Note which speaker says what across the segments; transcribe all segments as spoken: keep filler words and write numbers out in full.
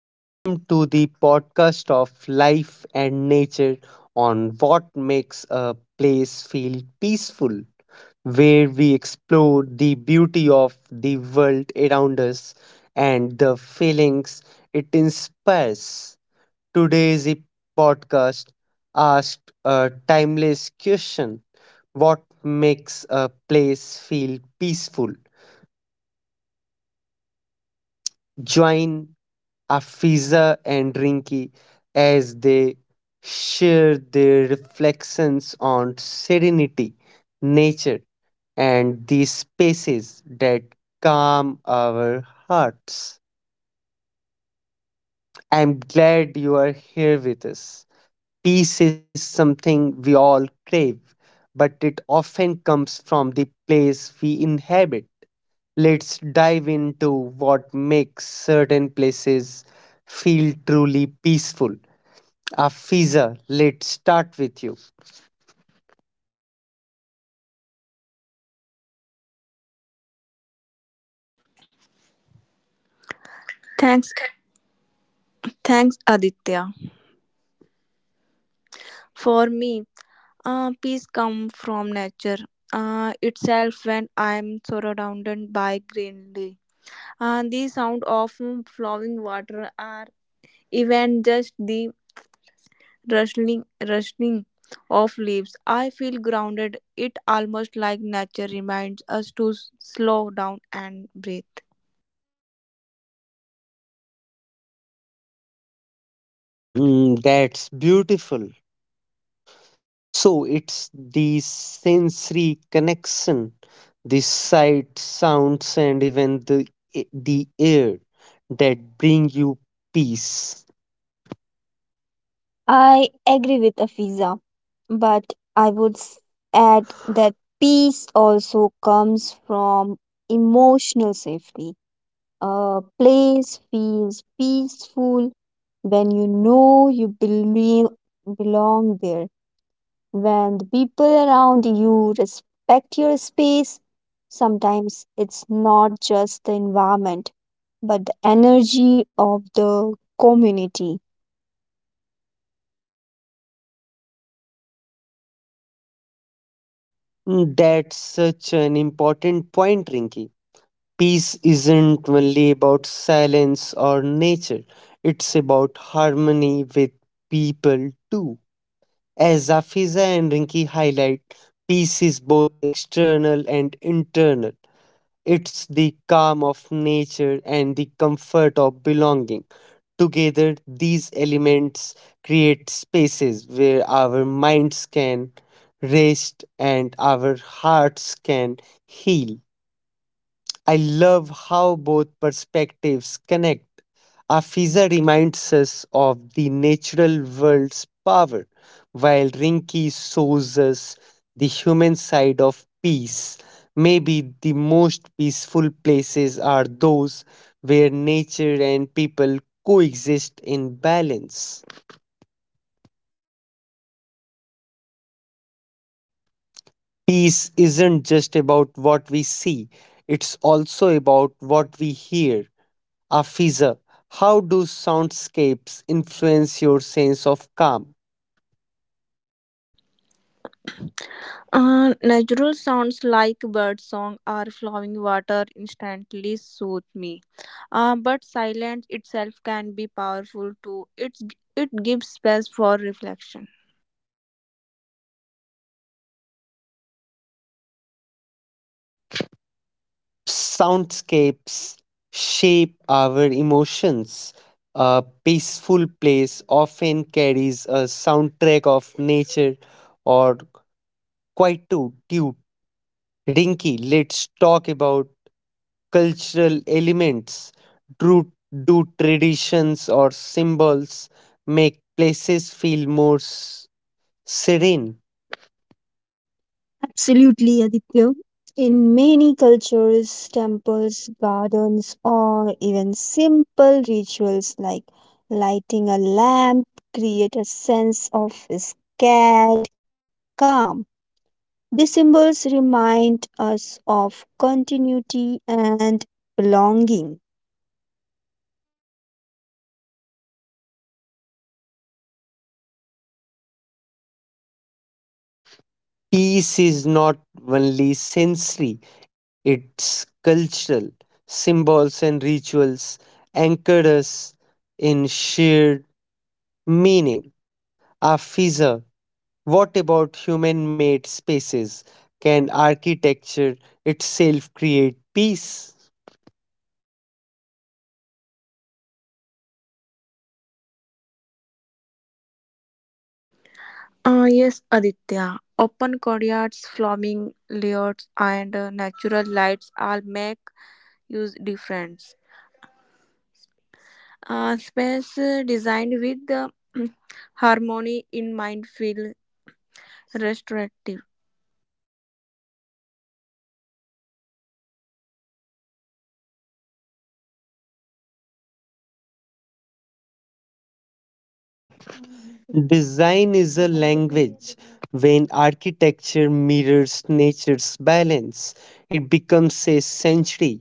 Speaker 1: Welcome to the podcast of life and nature on what makes a place feel peaceful, where we explore the beauty of the world around us and the feelings it inspires. Today's e- podcast asked a timeless question: what makes a place feel peaceful? Join Afiza and Rinki as they share their reflections on serenity, nature, and the spaces that calm our hearts. I'm glad you are here with us. Peace is something we all crave, but it often comes from the place we inhabit. Let's dive into what makes certain places feel truly peaceful. Afiza, let's start with you.
Speaker 2: Thanks, thanks, Aditya. For me, uh, peace comes from nature uh, itself when I'm surrounded by greenery. Uh, the sound of flowing water or even just the rustling, rustling of leaves. I feel grounded. It almost like nature reminds us to s- slow down and breathe.
Speaker 1: Mm, that's beautiful. So it's the sensory connection, the sight, sounds, and even the eh, the air that bring you peace.
Speaker 3: I agree with Afiza, but I would s- add that peace also comes from emotional safety. A place feels peaceful when you know you believe, belong there, when the people around you respect your space. Sometimes it's not just the environment, but the energy of the community.
Speaker 1: Mm, that's such an important point, Rinky. Peace isn't only about silence or nature; it's about harmony with people too. As Afiza and Rinki highlight, peace is both external and internal. It's the calm of nature and the comfort of belonging. Together, these elements create spaces where our minds can rest and our hearts can heal. I love how both perspectives connect. Afiza reminds us of the natural world's power, while Rinki shows us the human side of peace. Maybe the most peaceful places are those where nature and people coexist in balance. Peace isn't just about what we see, it's also about what we hear. Afiza, how do soundscapes influence your sense of calm?
Speaker 2: Uh, natural sounds like bird song or flowing water instantly soothe me. Uh, but silence itself can be powerful too. It's, it gives space for reflection.
Speaker 1: Soundscapes shape our emotions. A peaceful place often carries a soundtrack of nature or quietude. Rinky, let's talk about cultural elements. Do, do traditions or symbols make places feel more s- serene?
Speaker 3: Absolutely, Aditya. In many cultures, temples, gardens, or even simple rituals like lighting a lamp create a sense of scared calm. These symbols remind us of continuity and belonging.
Speaker 1: Peace is not only sensory, it's cultural. Symbols and rituals anchor us in shared meaning. Afiza, what about human made spaces? Can architecture itself create peace?
Speaker 2: Uh, yes, Aditya. Open courtyards, flowing layouts, and uh, natural lights all make huge difference. Uh, space uh, designed with uh, harmony in mind feel restorative.
Speaker 1: Design is a language. When architecture mirrors nature's balance, it becomes a sanctuary.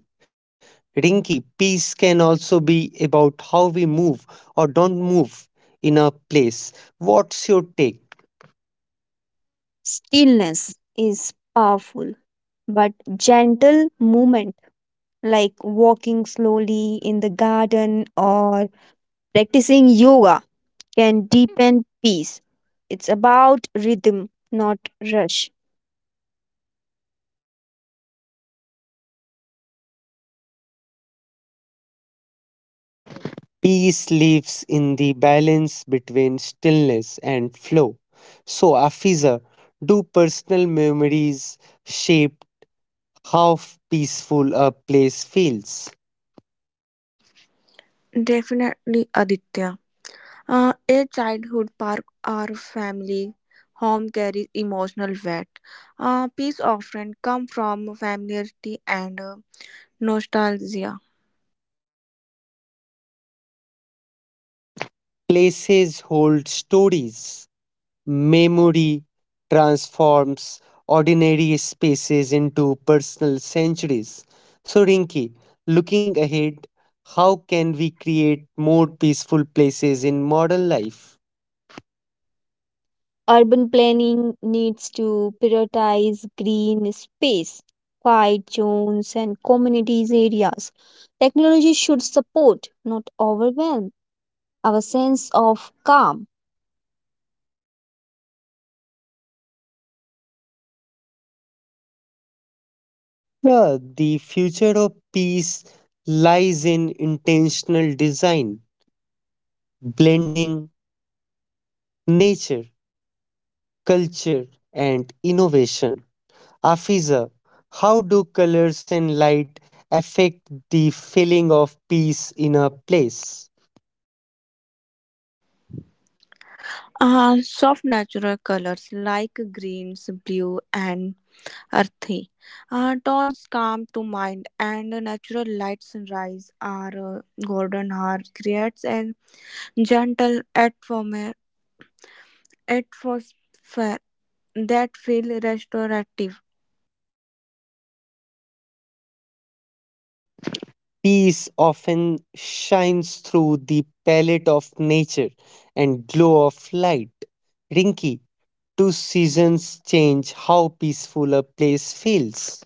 Speaker 1: Rinky, peace can also be about how we move, or don't move, in a place. What's your take?
Speaker 3: Stillness is powerful, but gentle movement like walking slowly in the garden or practicing yoga can deepen peace. It's about rhythm, not rush.
Speaker 1: Peace lives in the balance between stillness and flow. So, Afiza, do personal memories shape how peaceful a place feels?
Speaker 2: Definitely, Aditya. Uh, a childhood park or family home carries emotional weight. Uh, peace often comes from familiarity and uh, nostalgia.
Speaker 1: Places hold stories. Memory transforms ordinary spaces into personal sanctuaries. So, Rinki, looking ahead, how can we create more peaceful places in modern life?
Speaker 3: Urban planning needs to prioritize green space, quiet zones, and communities areas. Technology should support, not overwhelm, our sense of calm.
Speaker 1: Yeah, the future of peace lies in intentional design, blending nature, culture, and innovation. Afiza, how do colors and light affect the feeling of peace in a place?
Speaker 2: Uh, soft natural colors like greens, blue, and earthy uh, tones come to mind, and natural light sunrise or uh, golden hour creates a gentle atmosphere atmosphere that feels restorative.
Speaker 1: Peace often shines through the palette of nature and glow of light. Rinky, do seasons change how peaceful a place feels?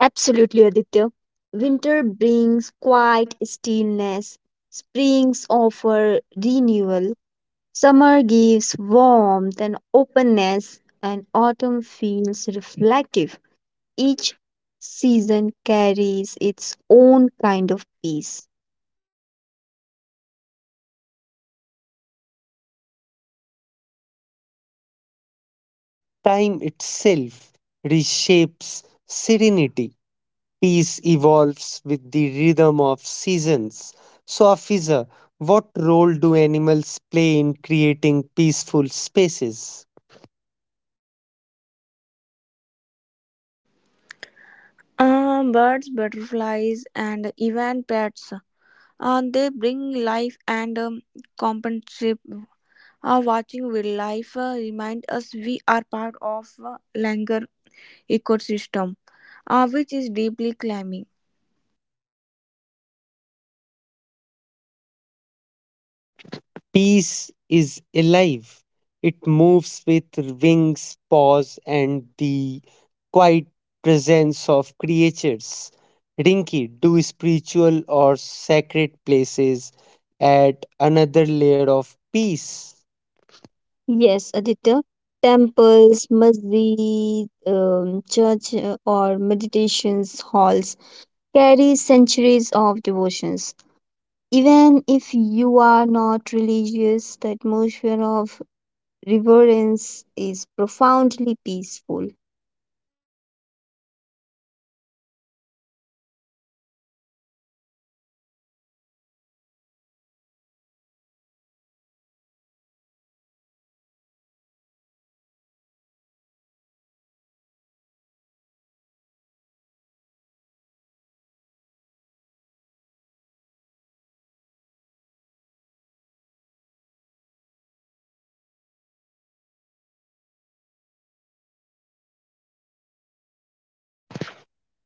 Speaker 3: Absolutely, Aditya. Winter brings quiet stillness, springs offer renewal, Summer gives warmth and openness, and autumn feels reflective. Each season carries its own kind of peace.
Speaker 1: Time itself reshapes serenity. Peace evolves with the rhythm of seasons. So, Afiza, what role do animals play in creating peaceful spaces?
Speaker 2: Um, birds, butterflies, and even pets. Uh, they bring life and um, companionship. Uh, watching wildlife uh, remind us we are part of a longer ecosystem, uh, which is deeply climbing.
Speaker 1: Peace is alive. It moves with wings, paws, and the quiet presence of creatures. Rinky, do spiritual or sacred places add another layer of peace?
Speaker 3: Yes, Aditya. Temples, masjid, um, church, uh, or meditations halls carry centuries of devotions. Even if you are not religious, the atmosphere of reverence is profoundly peaceful.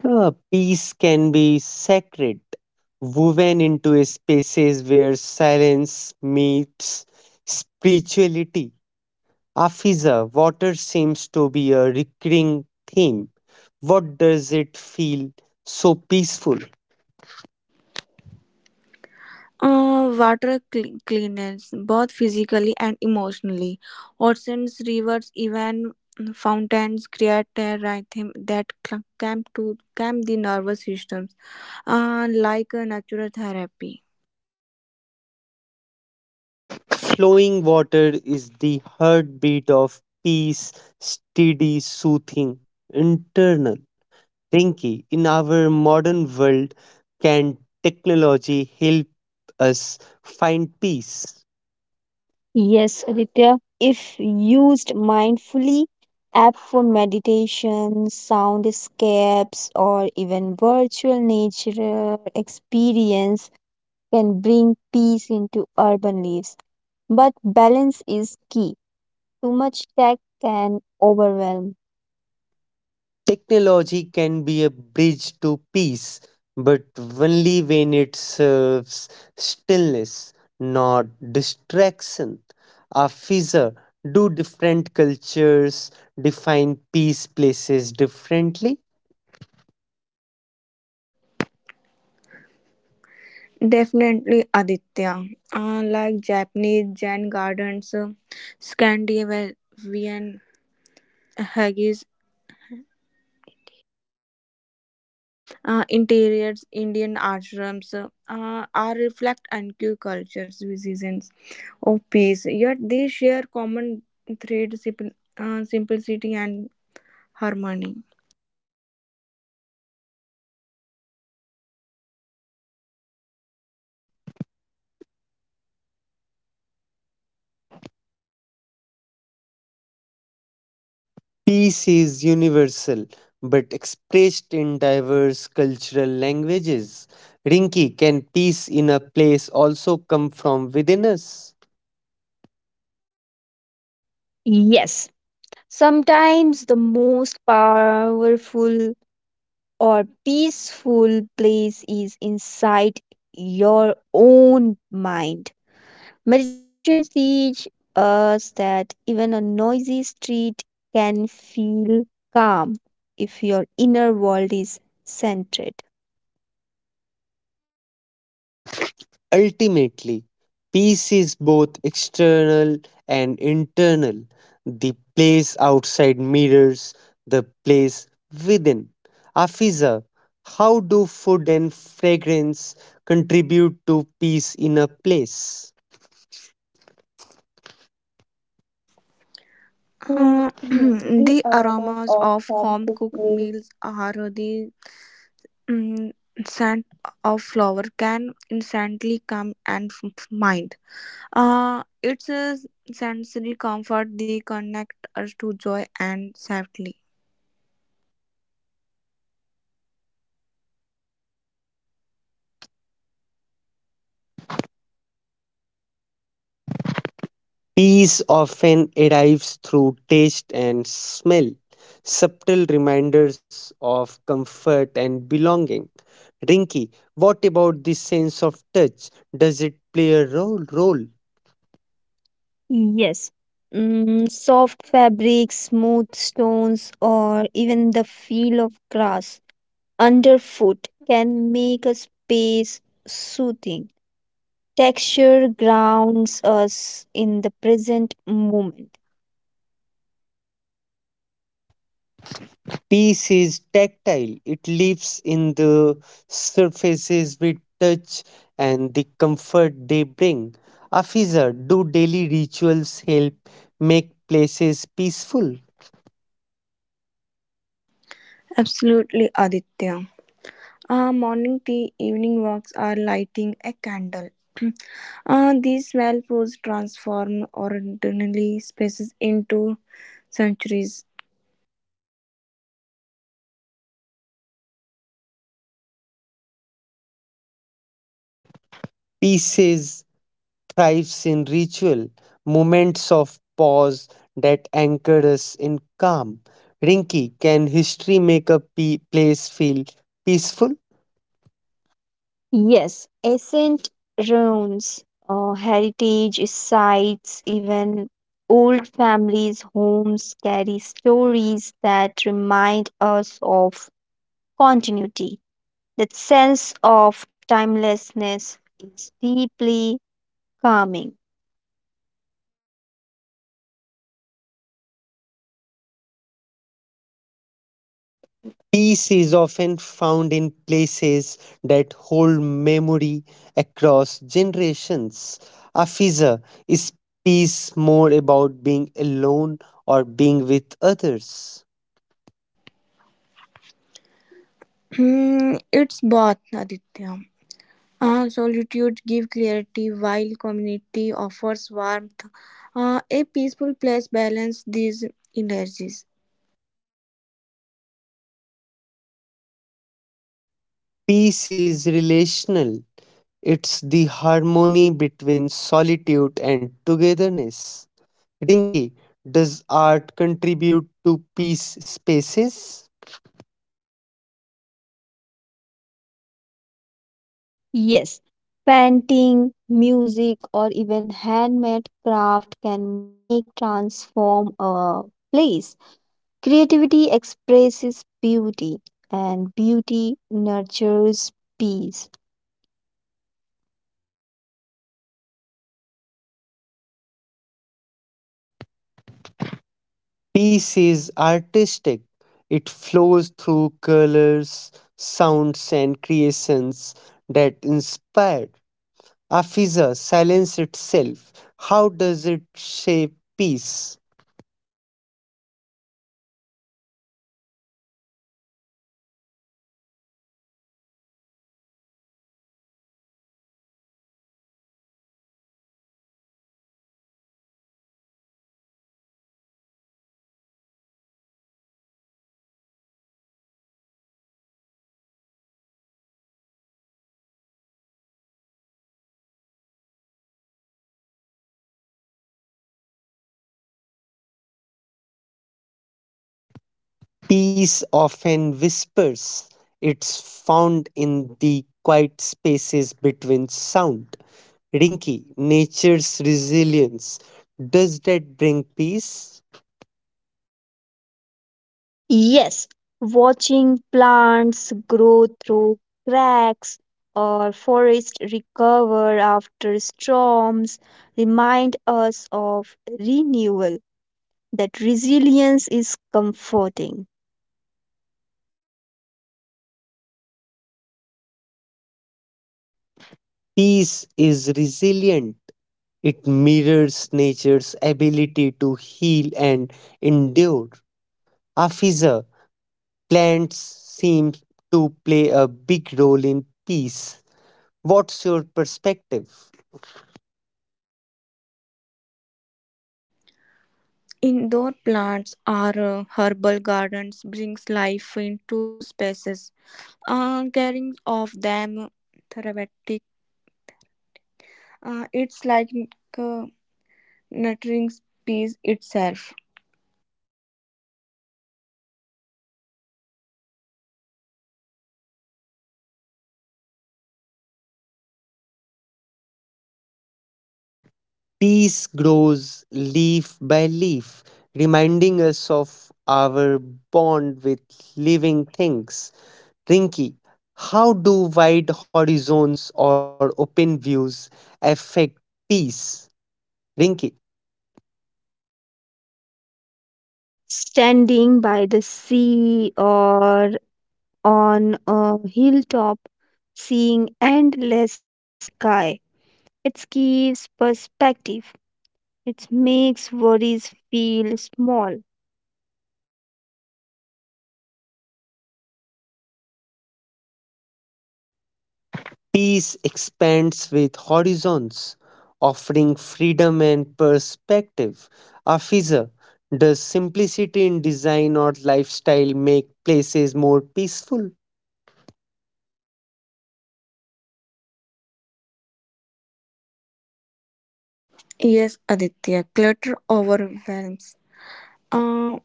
Speaker 1: Uh, peace can be sacred, woven into a spaces where silence meets spirituality. Afiza, water seems to be a recurring theme. What does it feel so peaceful?
Speaker 2: Uh, water cl- cleanliness, both physically and emotionally. Oceans, rivers, even fountains create a rhythm that cl- calm to calm the nervous systems, uh, like a natural therapy.
Speaker 1: Flowing water is the heartbeat of peace, steady, soothing, internal. Rinki, in our modern world, can technology help us find peace?
Speaker 3: Yes, Aditya, if used mindfully, app for meditation, soundscapes, or even virtual nature experience can bring peace into urban lives. But balance is key. Too much tech can overwhelm.
Speaker 1: Technology can be a bridge to peace, but only when it serves stillness, not distraction. Afiza, do different cultures define peace places differently?
Speaker 2: Definitely, Aditya. Uh, like Japanese Zen gardens, uh, Scandinavian haggis, uh, interiors, Indian ashrams uh, are reflect N Q cultures, visions of peace. Yet they share common thread, simple, uh, simplicity and harmony.
Speaker 1: Peace is universal, but expressed in diverse cultural languages. Rinki, can peace in a place also come from within us?
Speaker 3: Yes, sometimes the most powerful or peaceful place is inside your own mind. Meditation teach us that even a noisy street can feel calm if your inner world is centered.
Speaker 1: Ultimately, peace is both external and internal. The place outside mirrors the place within. Afiza, how do food and fragrance contribute to peace in a place? Mm,
Speaker 2: Uh,
Speaker 1: the
Speaker 2: the
Speaker 1: aromas
Speaker 2: aromas
Speaker 1: of
Speaker 2: of
Speaker 1: home
Speaker 2: home
Speaker 1: cooked
Speaker 2: cooked
Speaker 1: meals.
Speaker 2: meals are the mm, scent of flower can instantly come and f- mind. Uh, it's a sensory comfort. They connect us to joy and safety.
Speaker 1: Peace often arrives through taste and smell, subtle reminders of comfort and belonging. Rinky, what about the sense of touch? Does it play a role? role?
Speaker 3: Yes. Mm, soft fabrics, smooth stones, or even the feel of grass underfoot can make a space soothing. Texture grounds us in the present moment.
Speaker 1: Peace is tactile, it lives in the surfaces we touch and the comfort they bring. Afiza, do daily rituals help make places peaceful?
Speaker 2: Absolutely, Aditya. Uh, morning tea, evening walks are lighting a candle. uh, these smell foods transform ordinary spaces into centuries.
Speaker 1: Peace thrives in ritual, moments of pause that anchor us in calm. Rinki, can history make a pe- place feel peaceful?
Speaker 3: Yes, ancient ruins, uh, heritage sites, even old families' homes carry stories that remind us of continuity. That sense of timelessness is deeply calming.
Speaker 1: Peace is often found in places that hold memory across generations. Afiza, is peace more about being alone or being with others?
Speaker 2: it's both, Aditya. Uh, solitude gives clarity while community offers warmth. Uh, a peaceful place balances these energies.
Speaker 1: Peace is relational. It's the harmony between solitude and togetherness. Rinki, does art contribute to peace spaces?
Speaker 3: Yes, painting, music, or even handmade craft can make transform a place. Creativity expresses beauty, and beauty nurtures peace.
Speaker 1: Peace is artistic. It flows through colors, sounds, and creations that inspire. Afiza, silence itself. How does it shape peace? Peace often whispers. It's found in the quiet spaces between sound. Rinki, nature's resilience. Does that bring peace?
Speaker 3: Yes, watching plants grow through cracks or forests recover after storms remind us of renewal, that resilience is comforting.
Speaker 1: Peace is resilient. It mirrors nature's ability to heal and endure. Afiza, plants seem to play a big role in peace. What's your perspective?
Speaker 2: Indoor plants or uh, herbal gardens brings life into spaces. Uh, caring of them therapeutic. Uh, it's like uh, nurturing peace itself.
Speaker 1: Peace grows leaf by leaf, reminding us of our bond with living things. Rinky, how do wide horizons or open views affect peace? Rinky.
Speaker 3: Standing by the sea or on a hilltop, seeing endless sky, it gives perspective. It makes worries feel small.
Speaker 1: Peace expands with horizons, offering freedom and perspective. Afiza, does simplicity in design or lifestyle make places more peaceful?
Speaker 2: Yes, Aditya. Clutter overwhelms. Uh,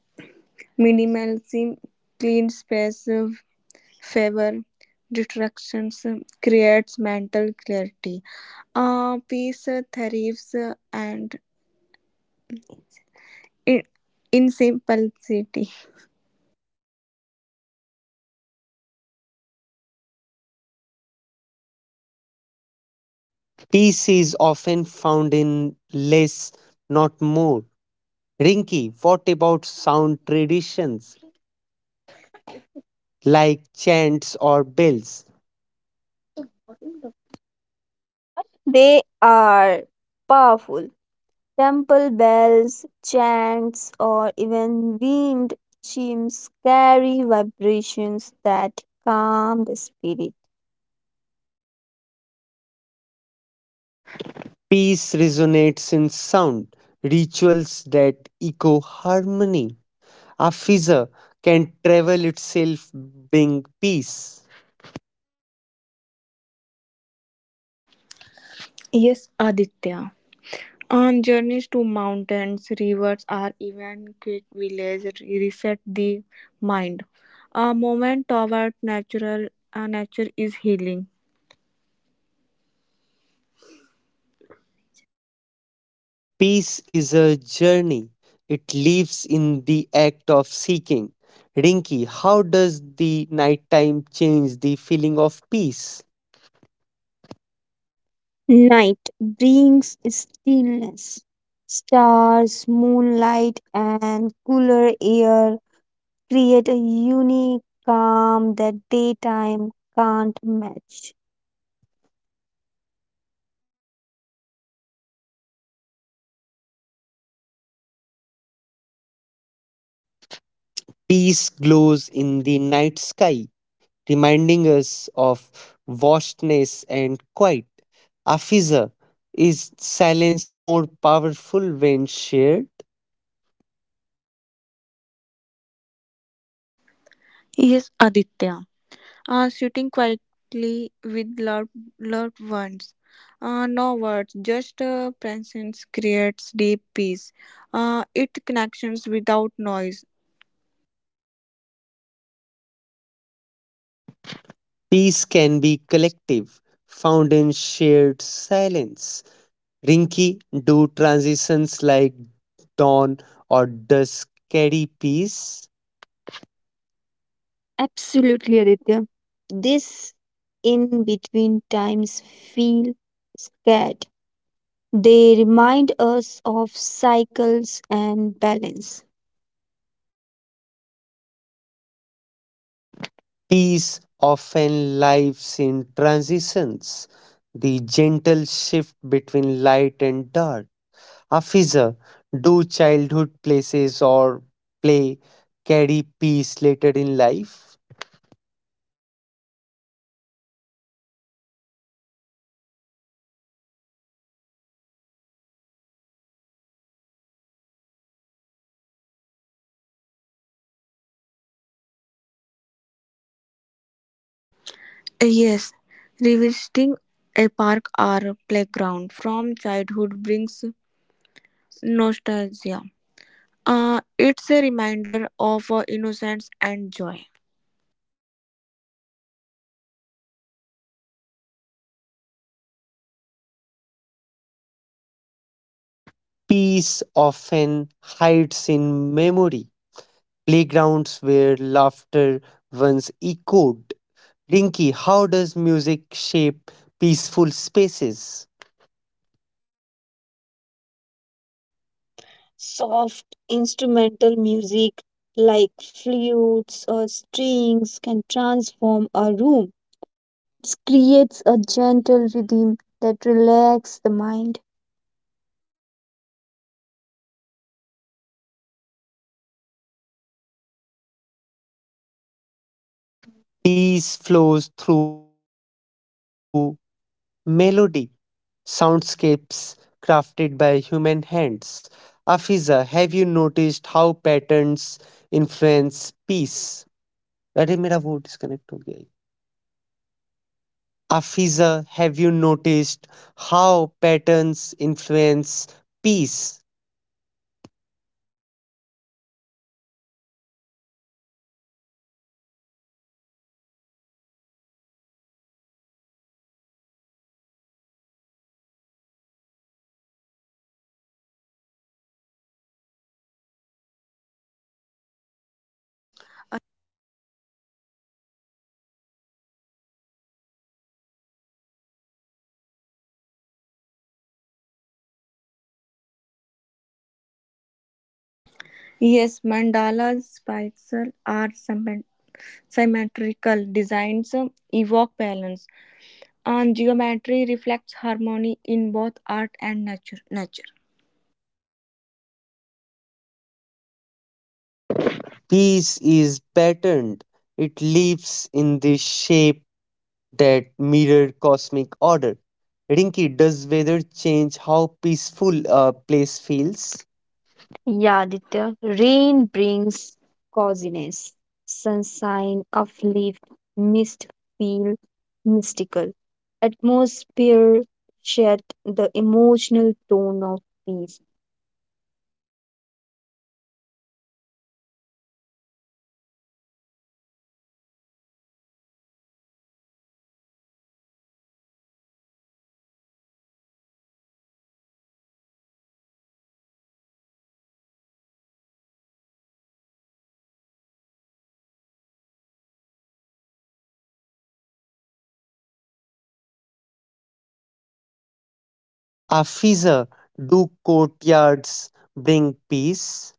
Speaker 2: minimalism, clean space, favor distractions uh, creates mental clarity uh, peace uh, thrives uh, and in, in simplicity.
Speaker 1: Peace is often found in less, not more. Rinky, what about sound traditions like chants or bells?
Speaker 3: God. They are powerful. Temple bells, chants, or even wind chimes carry vibrations that calm the spirit.
Speaker 1: Peace resonates in sound, rituals that echo harmony. A fissure can travel itself, being peace.
Speaker 2: Yes, Aditya, on journeys to mountains rivers or even quick village re- reset the mind a moment toward natural uh, nature is healing.
Speaker 1: Peace is a journey, it lives in the act of seeking. Rinky, how does the nighttime change the feeling of peace?
Speaker 3: Night brings stillness. Stars, moonlight, and cooler air create a unique calm that daytime can't match.
Speaker 1: Peace glows in the night sky, reminding us of vastness and quiet. Afiza, is silence more powerful when shared?
Speaker 2: Yes, Aditya, uh, sitting quietly with loved, loved ones. Uh, no words, just uh, presence creates deep peace. Uh, it connections without noise.
Speaker 1: Peace can be collective, found in shared silence. Rinki, do transitions like dawn or dusk carry peace?
Speaker 3: Absolutely, Aditya. This in between times feel scared. They remind us of cycles and balance.
Speaker 1: Peace often lives in transitions, the gentle shift between light and dark. Afiza, do childhood places or play carry peace later in life?
Speaker 2: Yes, revisiting a park or playground from childhood brings nostalgia. Uh, it's a reminder of uh, innocence and joy.
Speaker 1: Peace often hides in memory, playgrounds where laughter once echoed. Rinky, how does music shape peaceful spaces?
Speaker 3: Soft instrumental music like flutes or strings can transform a room. It creates a gentle rhythm that relaxes the mind.
Speaker 1: Peace flows through melody, soundscapes crafted by human hands. Afiza, have you noticed how patterns influence peace? अरे मेरा वो disconnect हो गया है। Afiza, have you noticed how patterns influence peace?
Speaker 2: Yes, mandalas, spikes are symmet- symmetrical designs, uh, evoke balance and geometry reflects harmony in both art and nature. nature.
Speaker 1: Peace is patterned, it lives in the shape that mirror cosmic order. Rinki, does weather change how peaceful a place feels?
Speaker 3: Yeah, Aditya. Rain brings coziness. Sunshine, uplift, mist feel mystical. Atmosphere shed the emotional tone of peace.
Speaker 1: Afiza, do courtyards bring peace?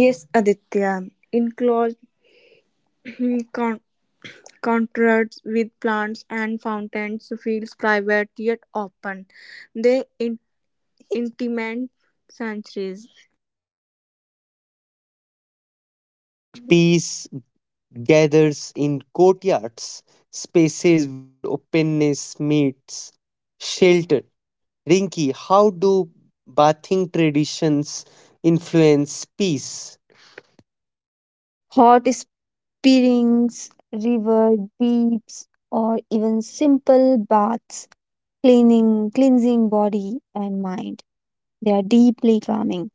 Speaker 2: Yes, Aditya. In close con- contrasts with plants and fountains, feels private yet open. They in- intimate centuries.
Speaker 1: Peace gathers in courtyards, spaces where openness meets shelter. Rinki, how do bathing traditions influence peace?
Speaker 3: Hot springs, river deeps, or even simple baths cleaning, cleansing body and mind. They are deeply calming.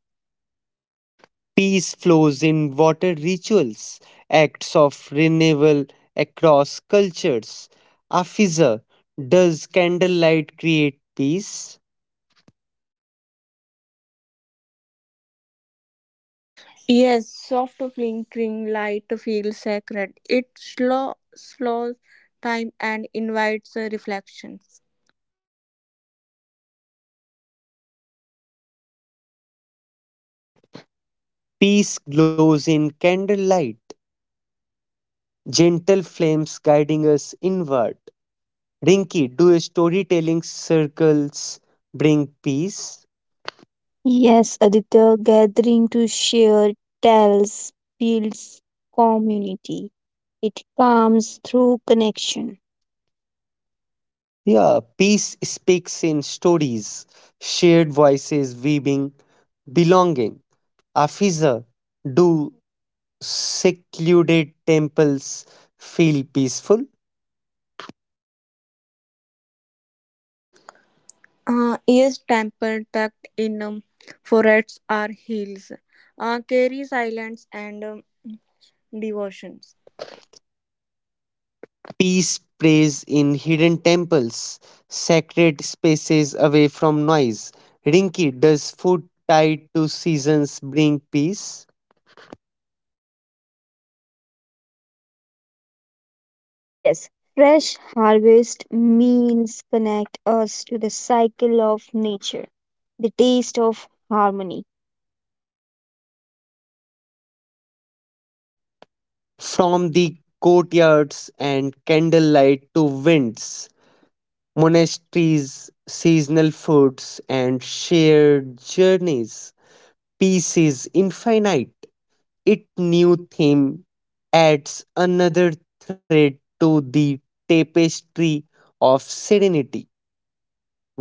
Speaker 1: Peace flows in water rituals, acts of renewal across cultures. Afiza, does candlelight create peace?
Speaker 2: Yes, soft flickering light feels sacred. It slow- slows time and invites reflections.
Speaker 1: Peace glows in candlelight, gentle flames guiding us inward. Rinki, do storytelling circles bring peace?
Speaker 3: Yes, Aditya, gathering to share tales builds community. It comes through connection.
Speaker 1: Yeah, peace speaks in stories, shared voices weaving belonging. Afiza, do secluded temples feel peaceful?
Speaker 2: Uh, ears temple tucked in um, foreheads are heels. Uh, carry silence and um, devotions.
Speaker 1: Peace prays in hidden temples, sacred spaces away from noise. Rinki, does food tied to seasons bring peace?
Speaker 3: Yes, fresh harvest means connect us to the cycle of nature, the taste of harmony.
Speaker 1: From the courtyards and candlelight to winds, monasteries, seasonal foods, and shared journeys, peace is infinite. Each new theme adds another thread to the tapestry of serenity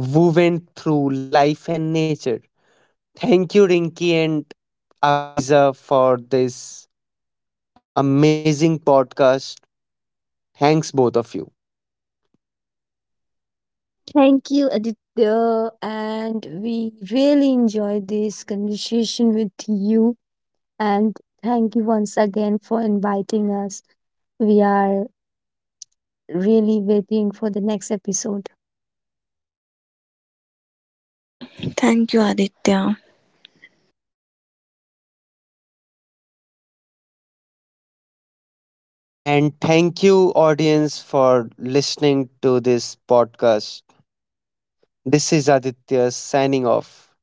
Speaker 1: woven through life and nature. Thank you, Rinki and Afiza, for this amazing podcast. Thanks, both of you.
Speaker 3: Thank you, Aditya, and we really enjoyed this conversation with you. And thank you once again for inviting us. We are really waiting for the next episode.
Speaker 2: Thank you, Aditya.
Speaker 1: And thank you, audience, for listening to this podcast. This is Aditya signing off.